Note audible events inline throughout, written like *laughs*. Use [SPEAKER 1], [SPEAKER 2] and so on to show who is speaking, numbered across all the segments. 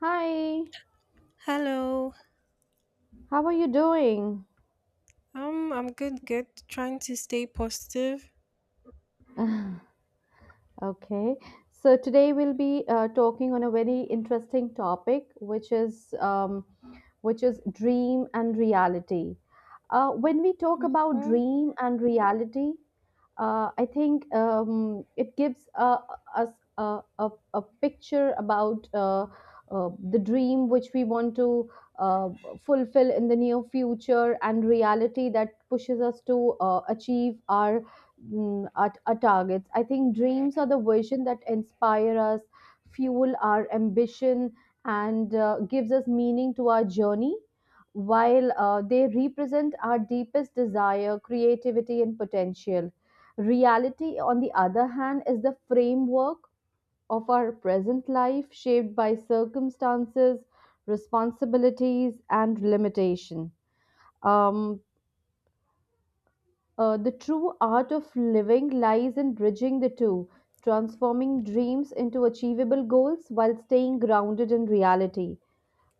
[SPEAKER 1] Hi,
[SPEAKER 2] Hello.
[SPEAKER 1] how are you doing?
[SPEAKER 2] I'm good, good. Trying to stay positive.
[SPEAKER 1] *laughs* Okay, so today we'll be talking on a very interesting topic, which is dream and reality. When we talk about dream and reality, I think it gives us a picture about the dream which we want to uh, fulfill in the near future, and reality that pushes us to achieve our targets. I think dreams are the vision that inspire us, fuel our ambition, and gives us meaning to our journey. While they represent our deepest desire, creativity, and potential. Reality, on the other hand, is the framework of our present life, shaped by circumstances, responsibilities, and limitation. Um, the true art of living lies in bridging the two, transforming dreams into achievable goals while staying grounded in reality.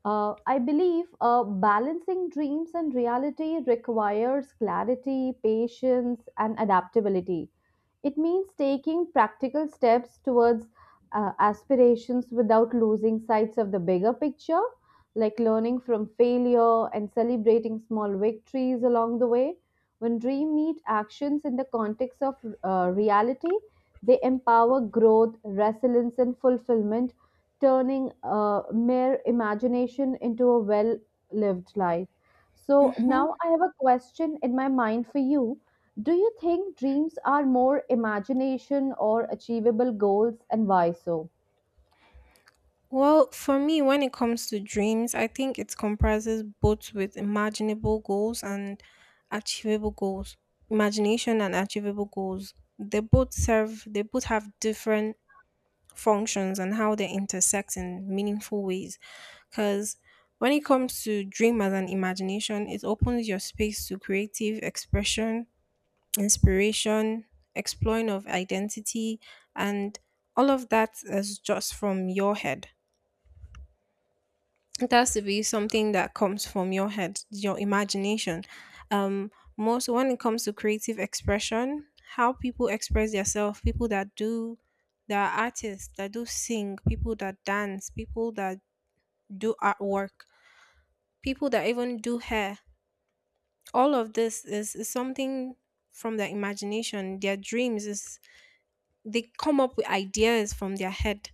[SPEAKER 1] I believe balancing dreams and reality requires clarity, patience, and adaptability. It means taking practical steps towards aspirations without losing sight of the bigger picture, like learning from failure and celebrating small victories along the way. When dream meet actions in the context of reality, they empower growth, resilience, and fulfillment, turning mere imagination into a well lived life. So
[SPEAKER 2] Mm-hmm.
[SPEAKER 1] now I have a question in my mind for you. Do you think dreams are more imagination or achievable goals, and why so?
[SPEAKER 2] Well, for me, when it comes to dreams, I think it comprises both with imaginable goals and achievable goals. Imagination and achievable goals. They both have different functions and how they intersect in meaningful ways. Because when it comes to dream as an imagination, it opens your space to creative expression inspiration, exploring of identity, and all of that is just from your head. It has to be something that comes from your head, your imagination. Um, Most when it comes to creative expression, how people express themselves, people that do that are artists, that do sing, people that dance, people that do artwork, people that even do hair. All of this is something from their imagination, their dreams is they come up with ideas from their head.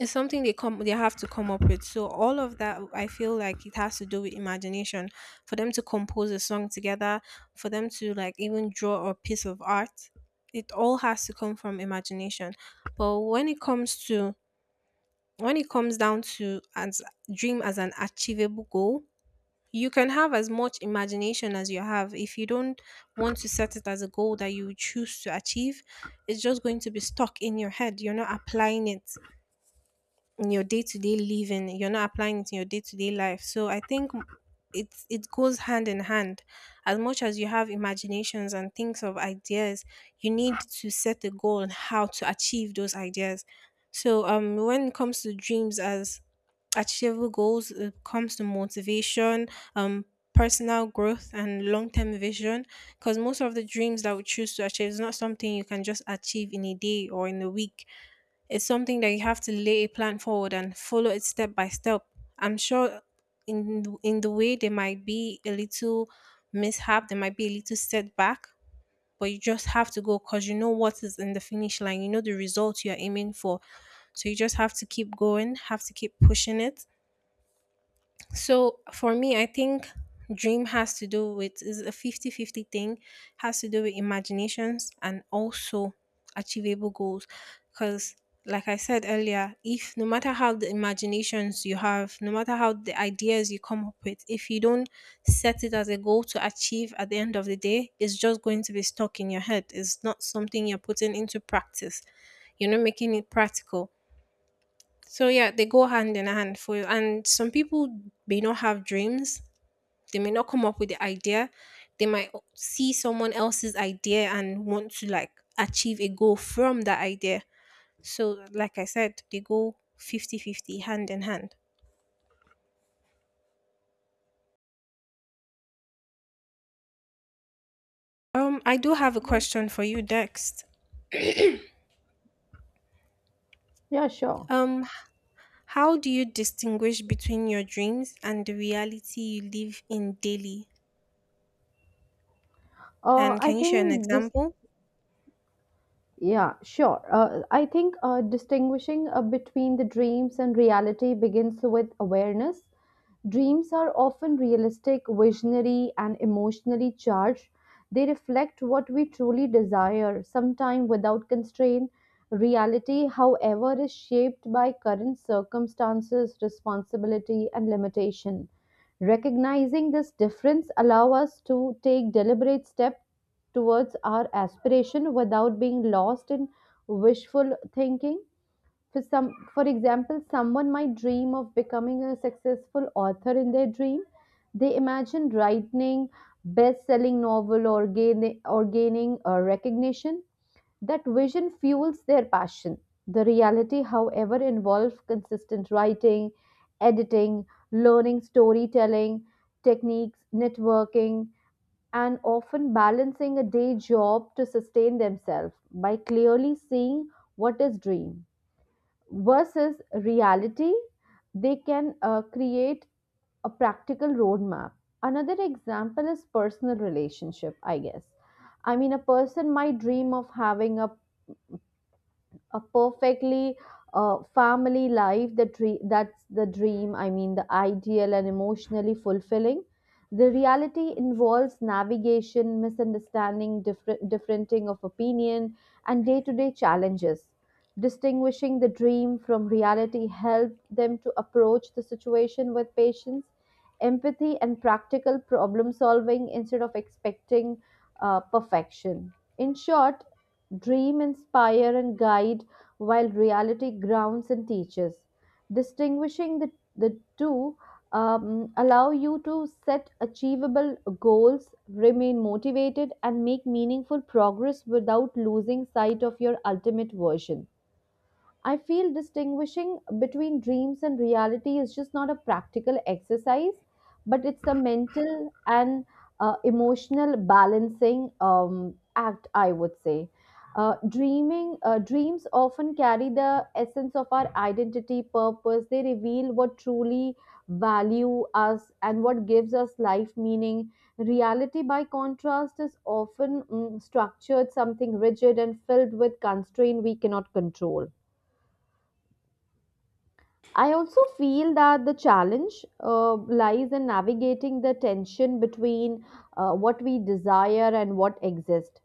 [SPEAKER 2] It's something they have to come up with. So all of that I feel like it has to do with imagination. For them to compose a song together, for them to like even draw a piece of art, it all has to come from imagination. But when it comes down to as dream as an achievable goal, you can have as much imagination as you have. If you don't want to set it as a goal that you choose to achieve, it's just going to be stuck in your head. You're not applying it in your day-to-day living you're not applying it in your day-to-day life. So I think it goes hand in hand. As much as you have imaginations and things of ideas, you need to set a goal on how to achieve those ideas. So when it comes to dreams as achievable goals, it comes to motivation, um personal growth and long-term vision. Because most of the dreams that we choose to achieve is not something you can just achieve in a day or in a week, it's something that you have to lay a plan forward and follow it step by step. I'm sure in the way there might be a little mishap, there might be a little setback, but you just have to go because you know what is in the finish line. You know the result you're aiming for. So you just have to keep going, have to keep pushing it. So for me, I think dream has to do with is a fifty fifty thing, has to do with imaginations and also achievable goals. Because like I said earlier, if no matter how the imaginations you have, no matter how the ideas you come up with, if you don't set it as a goal to achieve at the end of the day, it's just going to be stuck in your head. It's not something you're putting into practice. You're not making it practical. So yeah, they go hand in hand for you. And some people may not have dreams. They may not come up with the idea. They might see someone else's idea and want to like achieve a goal from that idea. So like I said, they go fifty-fifty, hand in hand. I do have a question for you next.
[SPEAKER 1] Yeah, sure.
[SPEAKER 2] Um, how do you distinguish between your dreams and the reality you live in daily? And
[SPEAKER 1] I
[SPEAKER 2] can you share an
[SPEAKER 1] think this.
[SPEAKER 2] example?
[SPEAKER 1] Yeah, sure. I think distinguishing between the dreams and reality begins with awareness. Dreams are often realistic, visionary, and emotionally charged. They reflect what we truly desire, sometimes without constraint. Reality, however, is shaped by current circumstances, responsibility, and limitation. Recognizing this difference allows us to take deliberate steps towards our aspiration without being lost in wishful thinking. For some, for example, someone might dream of becoming a successful author in their dream. They imagine writing best-selling novel, or gaining recognition. That vision fuels their passion. The reality, however, involves consistent writing, editing, learning storytelling techniques, networking, and often balancing a day job to sustain themselves. By clearly seeing what is dream versus reality, they can create a practical roadmap. Another example is personal relationship, I guess. I mean, a person might dream of having a perfectly family life, the dream. That's the dream, I mean, the ideal and emotionally fulfilling. The reality involves navigation, misunderstanding, differenting of opinion, and day-to-day challenges. Distinguishing the dream from reality helped them to approach the situation with patience, empathy, and practical problem solving instead of expecting perfection. In short, dream inspire and guide, while reality grounds and teaches. Distinguishing the two allow you to set achievable goals, remain motivated, and make meaningful progress without losing sight of your ultimate version. I feel distinguishing between dreams and reality is just not a practical exercise, but it's a mental and emotional balancing act, I would say. Dreaming dreams often carry the essence of our identity purpose. They reveal what truly value us and what gives us life meaning. Reality, by contrast, is often structured, something rigid and filled with constraint we cannot control. I also feel that the challenge lies in navigating the tension between what we desire and what exists.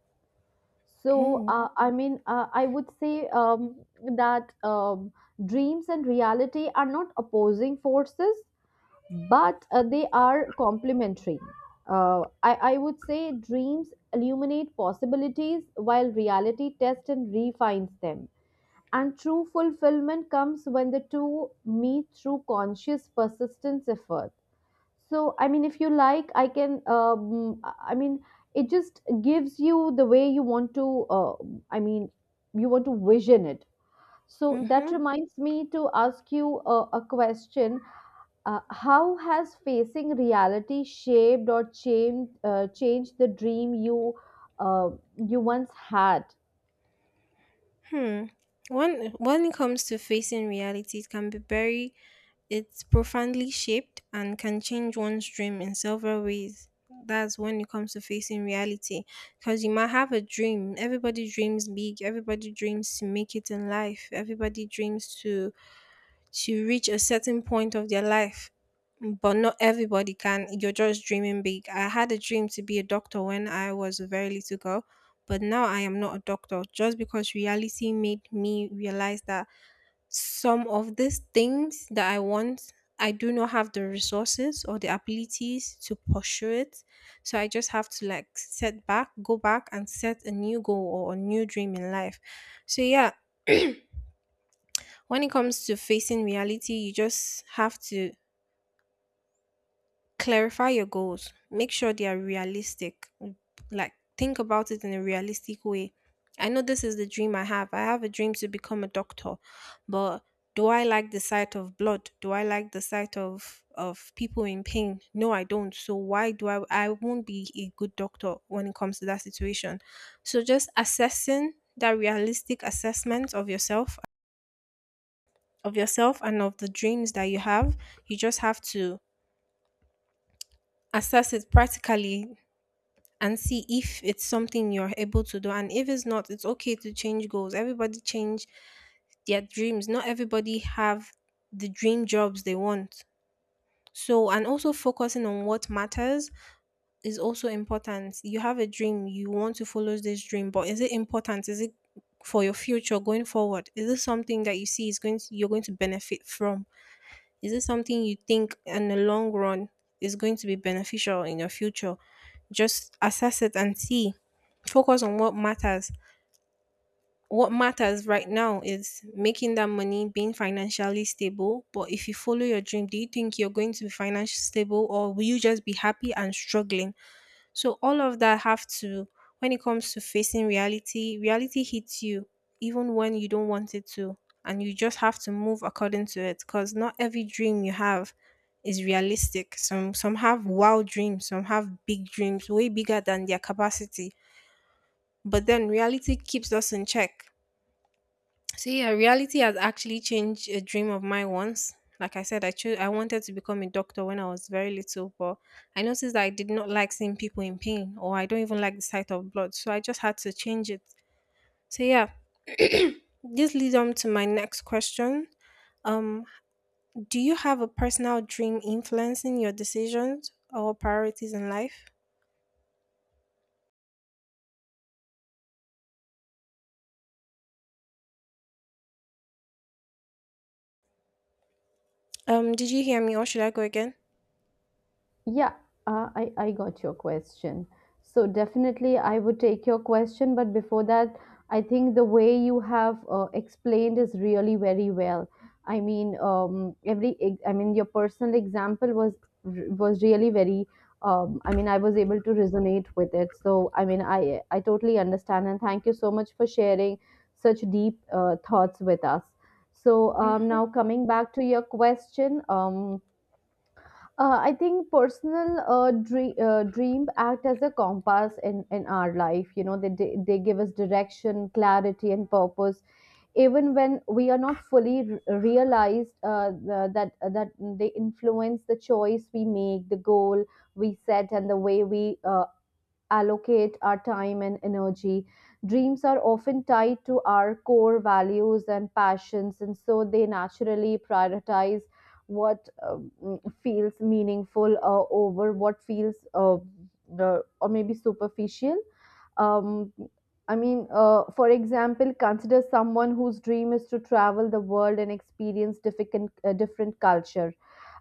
[SPEAKER 1] I would say that dreams and reality are not opposing forces, but they are complementary. I would say dreams illuminate possibilities while reality tests and refines them, and true fulfillment comes when the two meet through conscious persistence effort. So, I mean, if you like, I can, I mean, it just gives you the way you want to, I mean, you want to vision it. So, that
[SPEAKER 2] Mm-hmm.
[SPEAKER 1] reminds me to ask you a question. How has facing reality shaped or changed, changed the dream you, uh, you once had?
[SPEAKER 2] Hmm. When it comes to facing reality, it can be very It's profoundly shaped and can change one's dream in several ways. That's when it comes to facing reality. Because you might have a dream. Everybody dreams big. Everybody dreams to make it in life. Everybody dreams to reach a certain point of their life, but not everybody can. You're just dreaming big. I had a dream to be a doctor when I was a very little girl, but now I am not a doctor just because reality made me realize that some of these things that I want, I do not have the resources or the abilities to pursue it. So I just have to like set back, go back and set a new goal or a new dream in life. So yeah, when it comes to facing reality, you just have to clarify your goals. Make sure they are realistic. Mm. Like, think about it in a realistic way. I know this is the dream I have. I have a dream to become a doctor, but do I like the sight of blood? Do I like the sight of people in pain? No, I don't. So why do I won't be a good doctor when it comes to that situation. So just assessing that realistic assessment of yourself and of the dreams that you have, you just have to assess it practically and see if it's something you're able to do. And if it's not, it's okay to change goals. Everybody change their dreams. Not everybody have the dream jobs they want. So, and also focusing on what matters is also important. You have a dream, you want to follow this dream, but is it important? Is it for your future going forward? Is this something that you see is going to, you're going to benefit from? Is it something you think in the long run is going to be beneficial in your future? Just assess it and see. Focus on what matters. What matters right now is making that money, being financially stable. But if you follow your dream, do you think you're going to be financially stable or will you just be happy and struggling? So, all of that have to, when it comes to facing reality, reality hits you even when you don't want it to. And you just have to move according to it because not every dream you have is realistic. Some have wild dreams, some have big dreams, way bigger than their capacity. But then reality keeps us in check. So yeah, reality has actually changed a dream of mine once. Like I said, I wanted to become a doctor when I was very little, but I noticed that I did not like seeing people in pain or I don't even like the sight of blood. So I just had to change it. So yeah. *clears throat* This leads on to my next question. Um, do you have a personal dream influencing your decisions or priorities in life? Did you hear me or should I go again?
[SPEAKER 1] Yeah, I got your question. So definitely I would take your question, but before that, I think the way you have explained is really very well. I mean, I mean, your personal example was was really very. I mean, I was able to resonate with it. So I mean, I totally understand, and thank you so much for sharing such deep thoughts with us. So
[SPEAKER 2] Hmm.
[SPEAKER 1] now coming back to your question, I think personal dream act as a compass in our life. You know, they give us direction, clarity, and purpose, even when we are not fully realized the, that that they influence the choice we make, the goal we set, and the way we allocate our time and energy. Dreams are often tied to our core values and passions, and so they naturally prioritize what feels meaningful over what feels or maybe superficial. Um, I mean, for example, consider someone whose dream is to travel the world and experience different, different culture.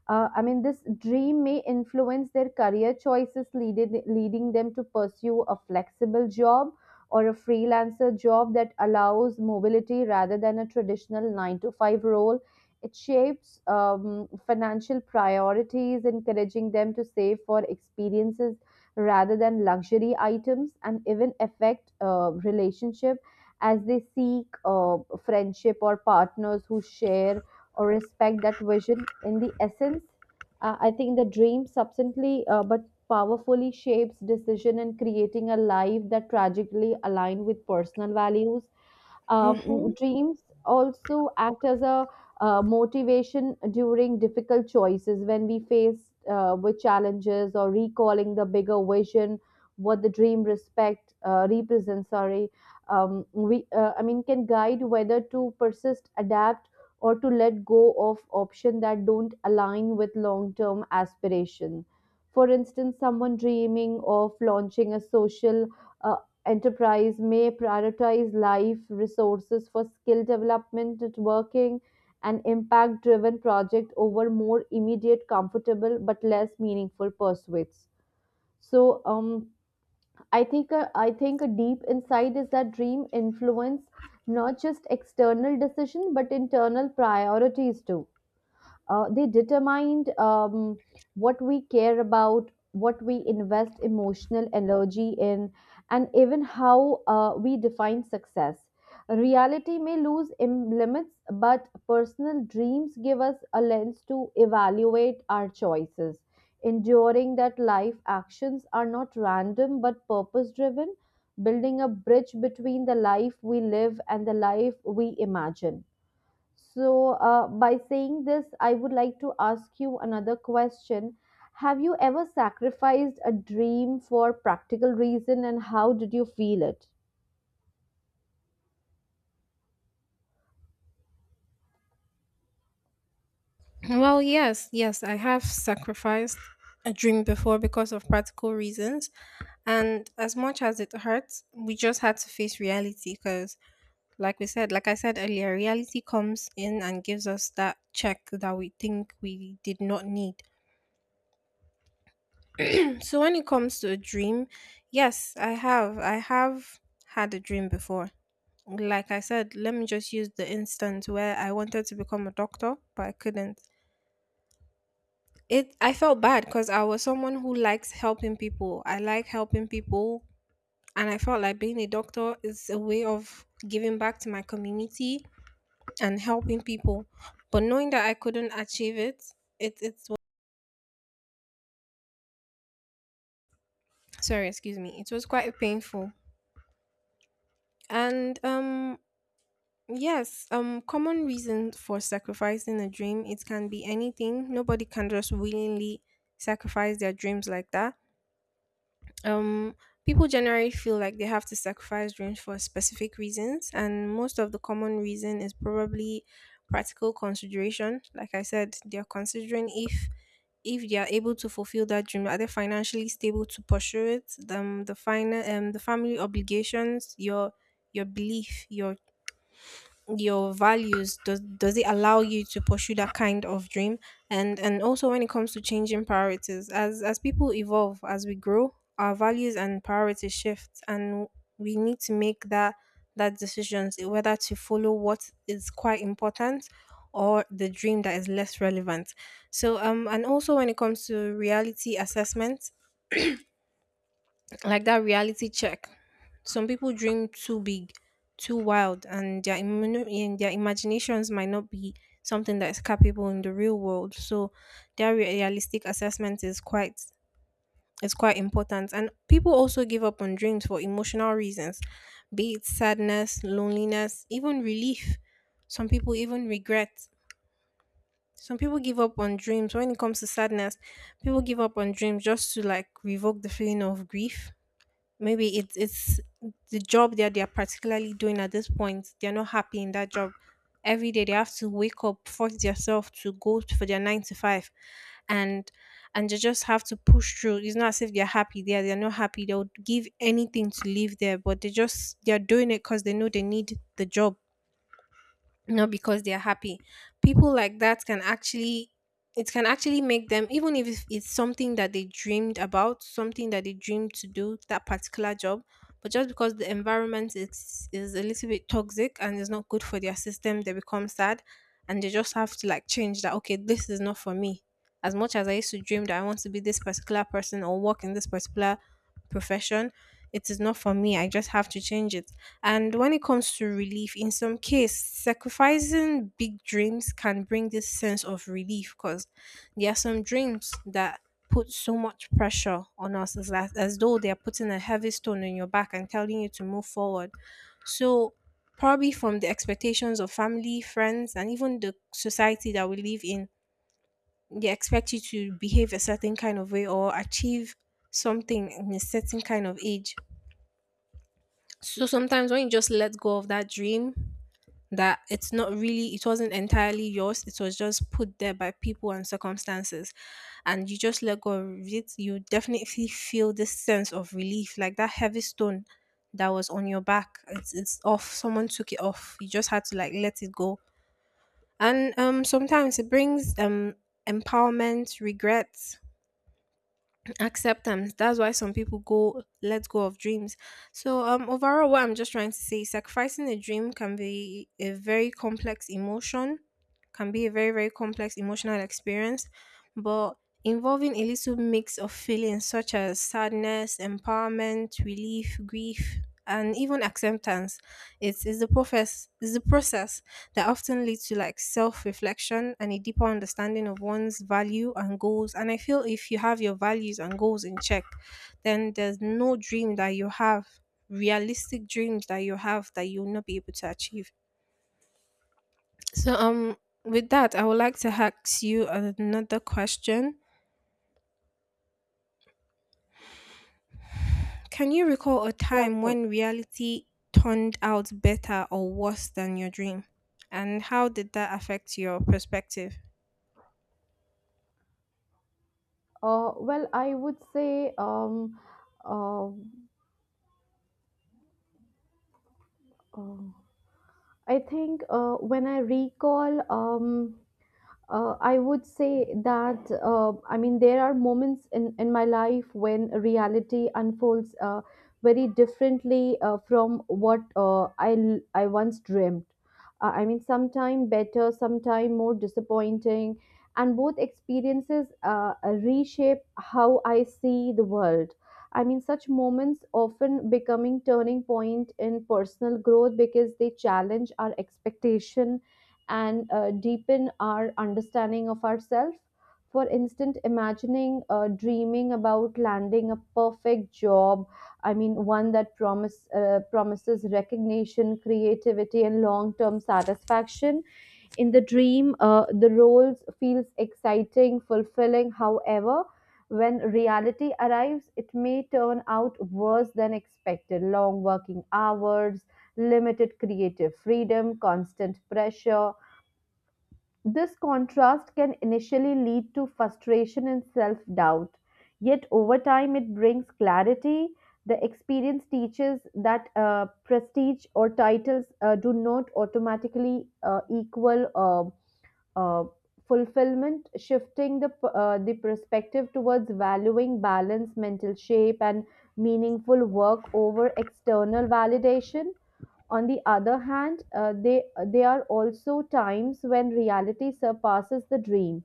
[SPEAKER 1] I mean, this dream may influence their career choices, leading them to pursue a flexible job or a freelancer job that allows mobility rather than a traditional nine to five role. It shapes financial priorities, encouraging them to save for experiences rather than luxury items, and even affect relationship as they seek friendship or partners who share or respect that vision. In the essence, I think the dream substantially but powerfully shapes decision and creating a life that tragically align with personal values.
[SPEAKER 2] Hmm.
[SPEAKER 1] Dreams also act as a motivation during difficult choices. When we face with challenges or recalling the bigger vision what the dream respect represents, sorry, we I mean can guide whether to persist, adapt, or to let go of option that don't align with long term aspiration. For instance, someone dreaming of launching a social uh, enterprise may prioritize life resources for skill development, networking, and impact driven project over more immediate, comfortable, but less meaningful pursuits. So, I think a deep insight is that dream influence not just external decision but internal priorities too. They determined what we care about, what we invest emotional energy in, and even how we define success. Reality may limits, but personal dreams give us a lens to evaluate our choices, enduring that life actions are not random but purpose driven, building a bridge between the life we live and the life we imagine. So, by saying this, I would like to ask you another question. Have you ever sacrificed a dream for practical reason, and how did you feel it?
[SPEAKER 2] Well, yes, yes, I have sacrificed a dream before because of practical reasons. And as much as it hurts, we just had to face reality because, like we said, like I said earlier, reality comes in and gives us that check that we think we did not need. *clears throat* So when it comes to a dream, yes, I have had a dream before. Like I said, let me just use the instance where I wanted to become a doctor, but I couldn't. It I felt bad because I was someone who likes helping people. I like helping people and I felt like being a doctor is a way of giving back to my community and helping people. But knowing that I couldn't achieve it, it it's sorry, excuse me. It was quite painful. And yes, common reason for sacrificing a dream, it can be anything. Nobody can just willingly sacrifice their dreams like that. um People generally feel like they have to sacrifice dreams for specific reasons and most of the common reason is probably practical consideration. Like I said, they're considering if they are able to fulfill that dream, are they financially stable to pursue it. The family obligations, your belief, your values, does it allow you to pursue that kind of dream? And also when it comes to changing priorities, as people evolve, as we grow, our values and priorities shift and we need to make that decisions whether to follow what is quite important or the dream that is less relevant. So and also when it comes to reality assessment, like that reality check, some people dream too big, too wild, and in their imaginations might not be something that is capable in the real world. So their realistic assessment is quite important. And people also give up on dreams for emotional reasons, be it sadness, loneliness, even relief. Some people even regret. Some people give up on dreams when it comes to sadness. People give up on dreams just to like revoke the feeling of grief. Maybe it's the job that they're particularly doing at this point. They're not happy in that job. Every day they have to wake up, force themselves to go for their nine to five, and and they just have to push through. It's not as if they're happy there. They're not happy. They'll give anything to live there, but they're doing it because they know they need the job, not because they're happy. People like that can actually, it can actually make them, even if it's something that they dreamed about, something that they dreamed to do, that particular job, but just because the environment is a little bit toxic and is not good for their system, they become sad, and they just have to like change that. Okay, this is not for me. As much as I used to dream that I want to be this particular person or work in this particular profession, it is not for me. I just have to change it. And when it comes to relief, in some case, sacrificing big dreams can bring this sense of relief, because there are some dreams that put so much pressure on us, as though they are putting a heavy stone on your back and telling you to move forward. So, probably from the expectations of family, friends, and even the society that we live in, they expect you to behave a certain kind of way or achieve something in a certain kind of age. So sometimes when you just let go of that dream, that it's not really, it wasn't entirely yours, it was just put there by people and circumstances, and you just let go of it, you definitely feel this sense of relief, like that heavy stone that was on your back. It's off, someone took it off. You just had to like let it go. And sometimes it brings empowerment, regret, acceptance. That's why some people go let go of dreams. So overall, what I'm just trying to say is sacrificing a dream can be a very complex emotion, can be a very very complex emotional experience, but involving a little mix of feelings such as sadness, empowerment, relief, grief, and even acceptance. It's the process that often leads to like self-reflection and a deeper understanding of one's value and goals. And I feel if you have your values and goals in check, then there's no dream that you have, realistic dreams that you have, that you'll not be able to achieve. So with that, I would like to ask you another question. Can you recall a
[SPEAKER 1] Yeah,
[SPEAKER 2] time
[SPEAKER 1] sure.
[SPEAKER 2] when reality turned out better or worse than your dream? And how did that affect your perspective?
[SPEAKER 1] Well, I would say, um um, I think when I recall, I would say that I mean there are moments in my life when reality unfolds very differently from what I once dreamt. I mean, sometime better, sometime more disappointing, and both experiences reshape how I see the world. I mean, such moments often becoming turning point in personal growth because they challenge our expectation and deepen our understanding of ourselves. For instance, imagining dreaming about landing a perfect job, I mean, one that promises recognition, creativity, and long term satisfaction. In the dream, the roles feels exciting, fulfilling. However, when reality arrives, it may turn out worse than expected. Long working hours, limited creative freedom, constant pressure, this contrast can initially lead to frustration and self doubt, yet, over time, it brings clarity. The experience teaches that prestige or titles do not automatically equal uh, fulfillment, shifting the perspective towards valuing balance, mental shape, and meaningful work over external validation. On the other hand, there are also times when reality surpasses the dream.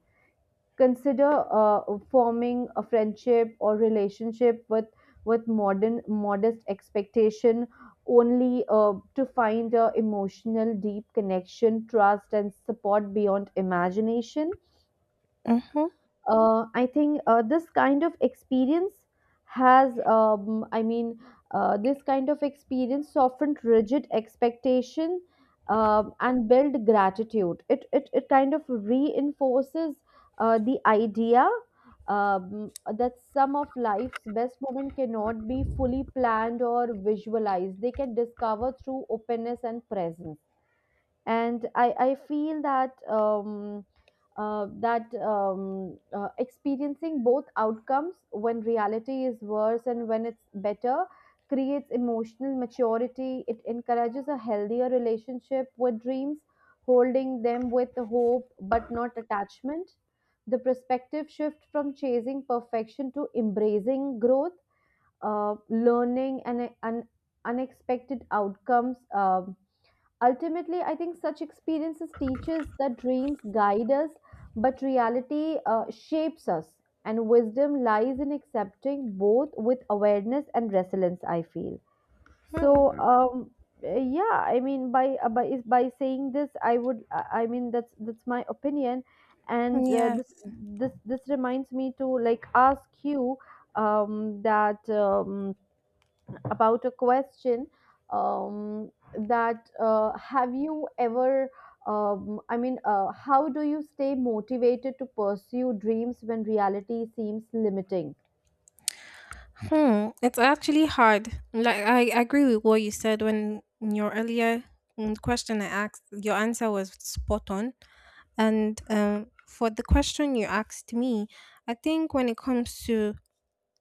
[SPEAKER 1] Consider forming a friendship or relationship with modern modest expectation, only to find a emotional deep connection, trust, and support beyond imagination.
[SPEAKER 2] Mm-hmm.
[SPEAKER 1] I think this kind of experience has, I mean, this kind of experience softened rigid expectation and build gratitude. It, it kind of reinforces the idea um, that some of life's best moments cannot be fully planned or visualized. They can discover through openness and presence. And I feel that experiencing both outcomes, when reality is worse and when it's better, creates emotional maturity. It encourages a healthier relationship with dreams, holding them with hope but not attachment. The perspective shift from chasing perfection to embracing growth, learning, and unexpected outcomes. Ultimately I think such experiences teaches that dreams guide us, but reality shapes us, and wisdom lies in accepting both with awareness and resilience, I feel. So yeah, I mean by saying this, I would I mean that's my opinion, and uh, this
[SPEAKER 2] Yes.
[SPEAKER 1] this this reminds me to like ask you um that about a question, um, that have you ever I mean, how do you stay motivated to pursue dreams when reality seems limiting?
[SPEAKER 2] Hmm, it's actually hard. Like I agree with what you said. When in your earlier question I asked, your answer was spot on. And for the question you asked me, I think when it comes to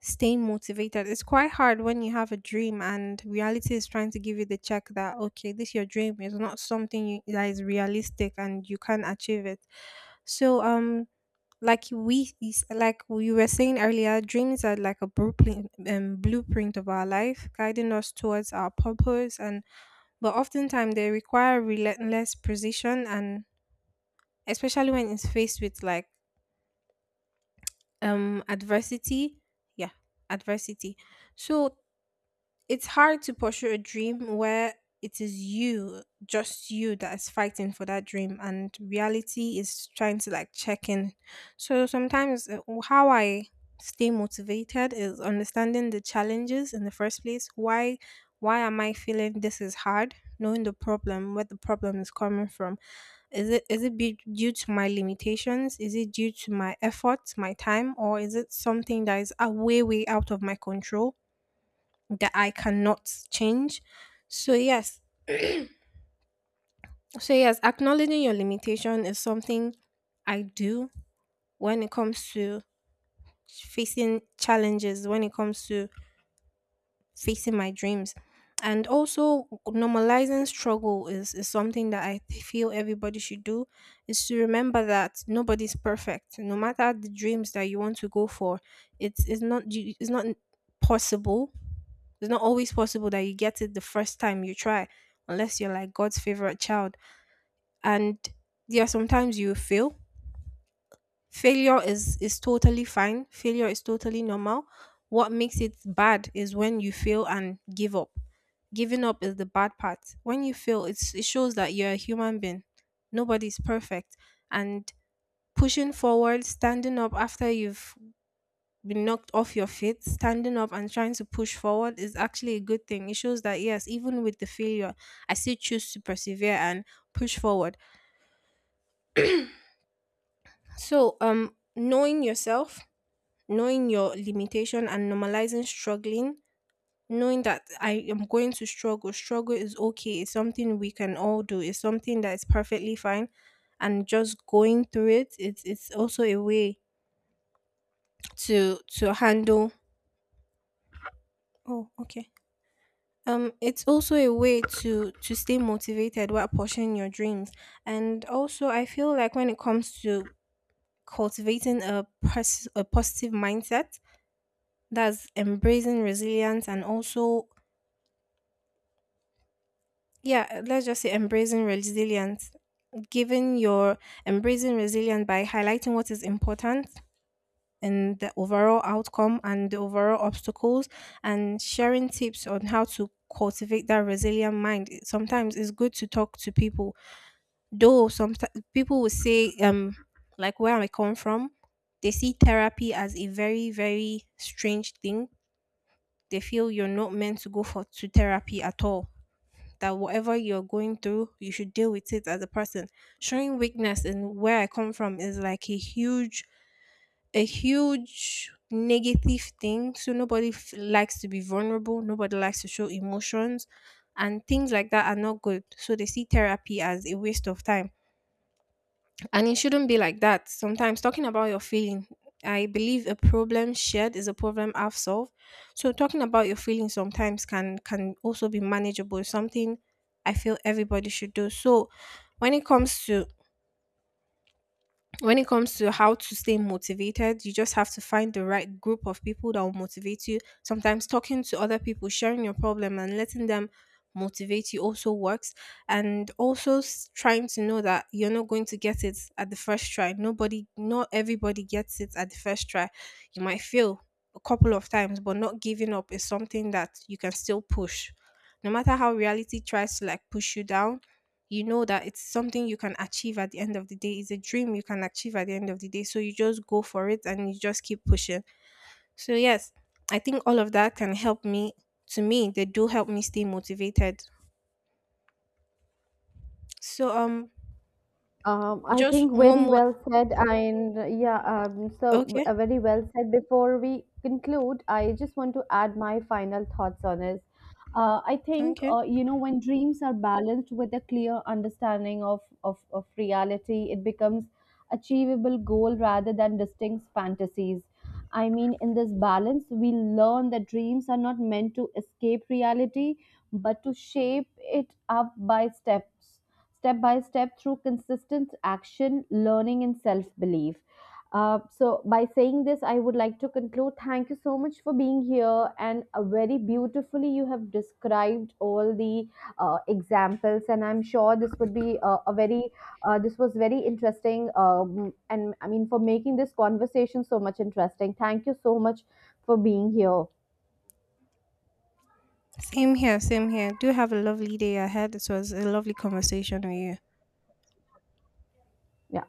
[SPEAKER 2] staying motivated, it's quite hard when you have a dream and reality is trying to give you the check that okay, this your dream is not something you, that is realistic and you can achieve it. So like we were saying earlier, dreams are like a blueprint of our life, guiding us towards our purpose, and but oftentimes they require relentless precision, and especially when it's faced with like adversity. Yeah, adversity. So, it's hard to pursue a dream where it is you, just you, that is fighting for that dream, and reality is trying to like check in. So sometimes, how I stay motivated is understanding the challenges in the first place. Why am I feeling this is hard? Knowing the problem, where the problem is coming from. Is it be due to my limitations? Is it due to my efforts, my time, or is it something that is way way out of my control, that I cannot change? So yes, acknowledging your limitation is something I do when it comes to facing challenges, when it comes to facing my dreams. And also normalizing struggle is something that I feel everybody should do, is to remember that nobody's perfect. No matter the dreams that you want to go for, it's not possible. It's not always possible that you get it the first time you try, unless you're like God's favorite child. And yeah, sometimes you fail. Failure is totally fine. Failure is totally normal. What makes it bad is when you fail and give up. Giving up is the bad part. When you fail, it shows that you're a human being. Nobody's perfect. And pushing forward, standing up after you've been knocked off your feet, standing up and trying to push forward is actually a good thing. It shows that yes, even with the failure, I still choose to persevere and push forward. So, knowing yourself, knowing your limitation, and normalizing struggling, knowing that I am going to struggle. Struggle is okay. It's something we can all do. It's something that is perfectly fine, and just going through it, it's also a way to handle. Oh, okay. It's also a way to stay motivated while pursuing your dreams. And also, I feel like when it comes to cultivating a positive mindset, that's embracing resilience and also, yeah, let's just say embracing resilience. Giving your Embracing resilience by highlighting what is important in the overall outcome and the overall obstacles, and sharing tips on how to cultivate that resilient mind. Sometimes it's good to talk to people. Though some people would say, like where I come from, they see therapy as a very, very strange thing. They feel you're not meant to go for to therapy at all. That whatever you're going through, you should deal with it as a person. Showing weakness in where I come from is like a huge negative thing. So nobody likes to be vulnerable. Nobody likes to show emotions, and things like that are not good. So they see therapy as a waste of time. And it shouldn't be like that. Sometimes talking about your feeling, I believe a problem shared is a problem half solved. So talking about your feelings sometimes can also be manageable. It's something I feel everybody should do. So when it comes to when it comes to how to stay motivated, you just have to find the right group of people that will motivate you. Sometimes talking to other people, sharing your problem, and letting them motivate you also works. And also trying to know that you're not going to get it at the first try. Nobody, not everybody gets it at the first try. You might fail a couple of times, but not giving up is something that you can still push. No matter how reality tries to like push you down, you know that it's something you can achieve at the end of the day. It's a dream you can achieve at the end of the day. So you just go for it and you just keep pushing. So, yes, I think all of that can help me. To me, they do help me stay motivated. So,
[SPEAKER 1] I
[SPEAKER 2] just
[SPEAKER 1] think
[SPEAKER 2] one
[SPEAKER 1] very
[SPEAKER 2] more.
[SPEAKER 1] well said, and
[SPEAKER 2] Okay.
[SPEAKER 1] very well said. Before we conclude, I just want to add my final thoughts on this. I think
[SPEAKER 2] Okay.
[SPEAKER 1] you know when dreams are balanced with a clear understanding of, of reality, it becomes achievable goal rather than distinct fantasies. I mean, in this balance, we learn that dreams are not meant to escape reality, but to shape it up by steps step by step through consistent action, learning, and self belief. So, by saying this, I would like to conclude. Thank you so much for being here, and very beautifully, you have described all the examples. And I'm sure this would be this was very interesting. And I mean, for making this conversation so much interesting. Thank you so much for being here.
[SPEAKER 2] Same here. Same here. Do have a lovely day ahead. It was a lovely conversation with you.
[SPEAKER 1] Yeah.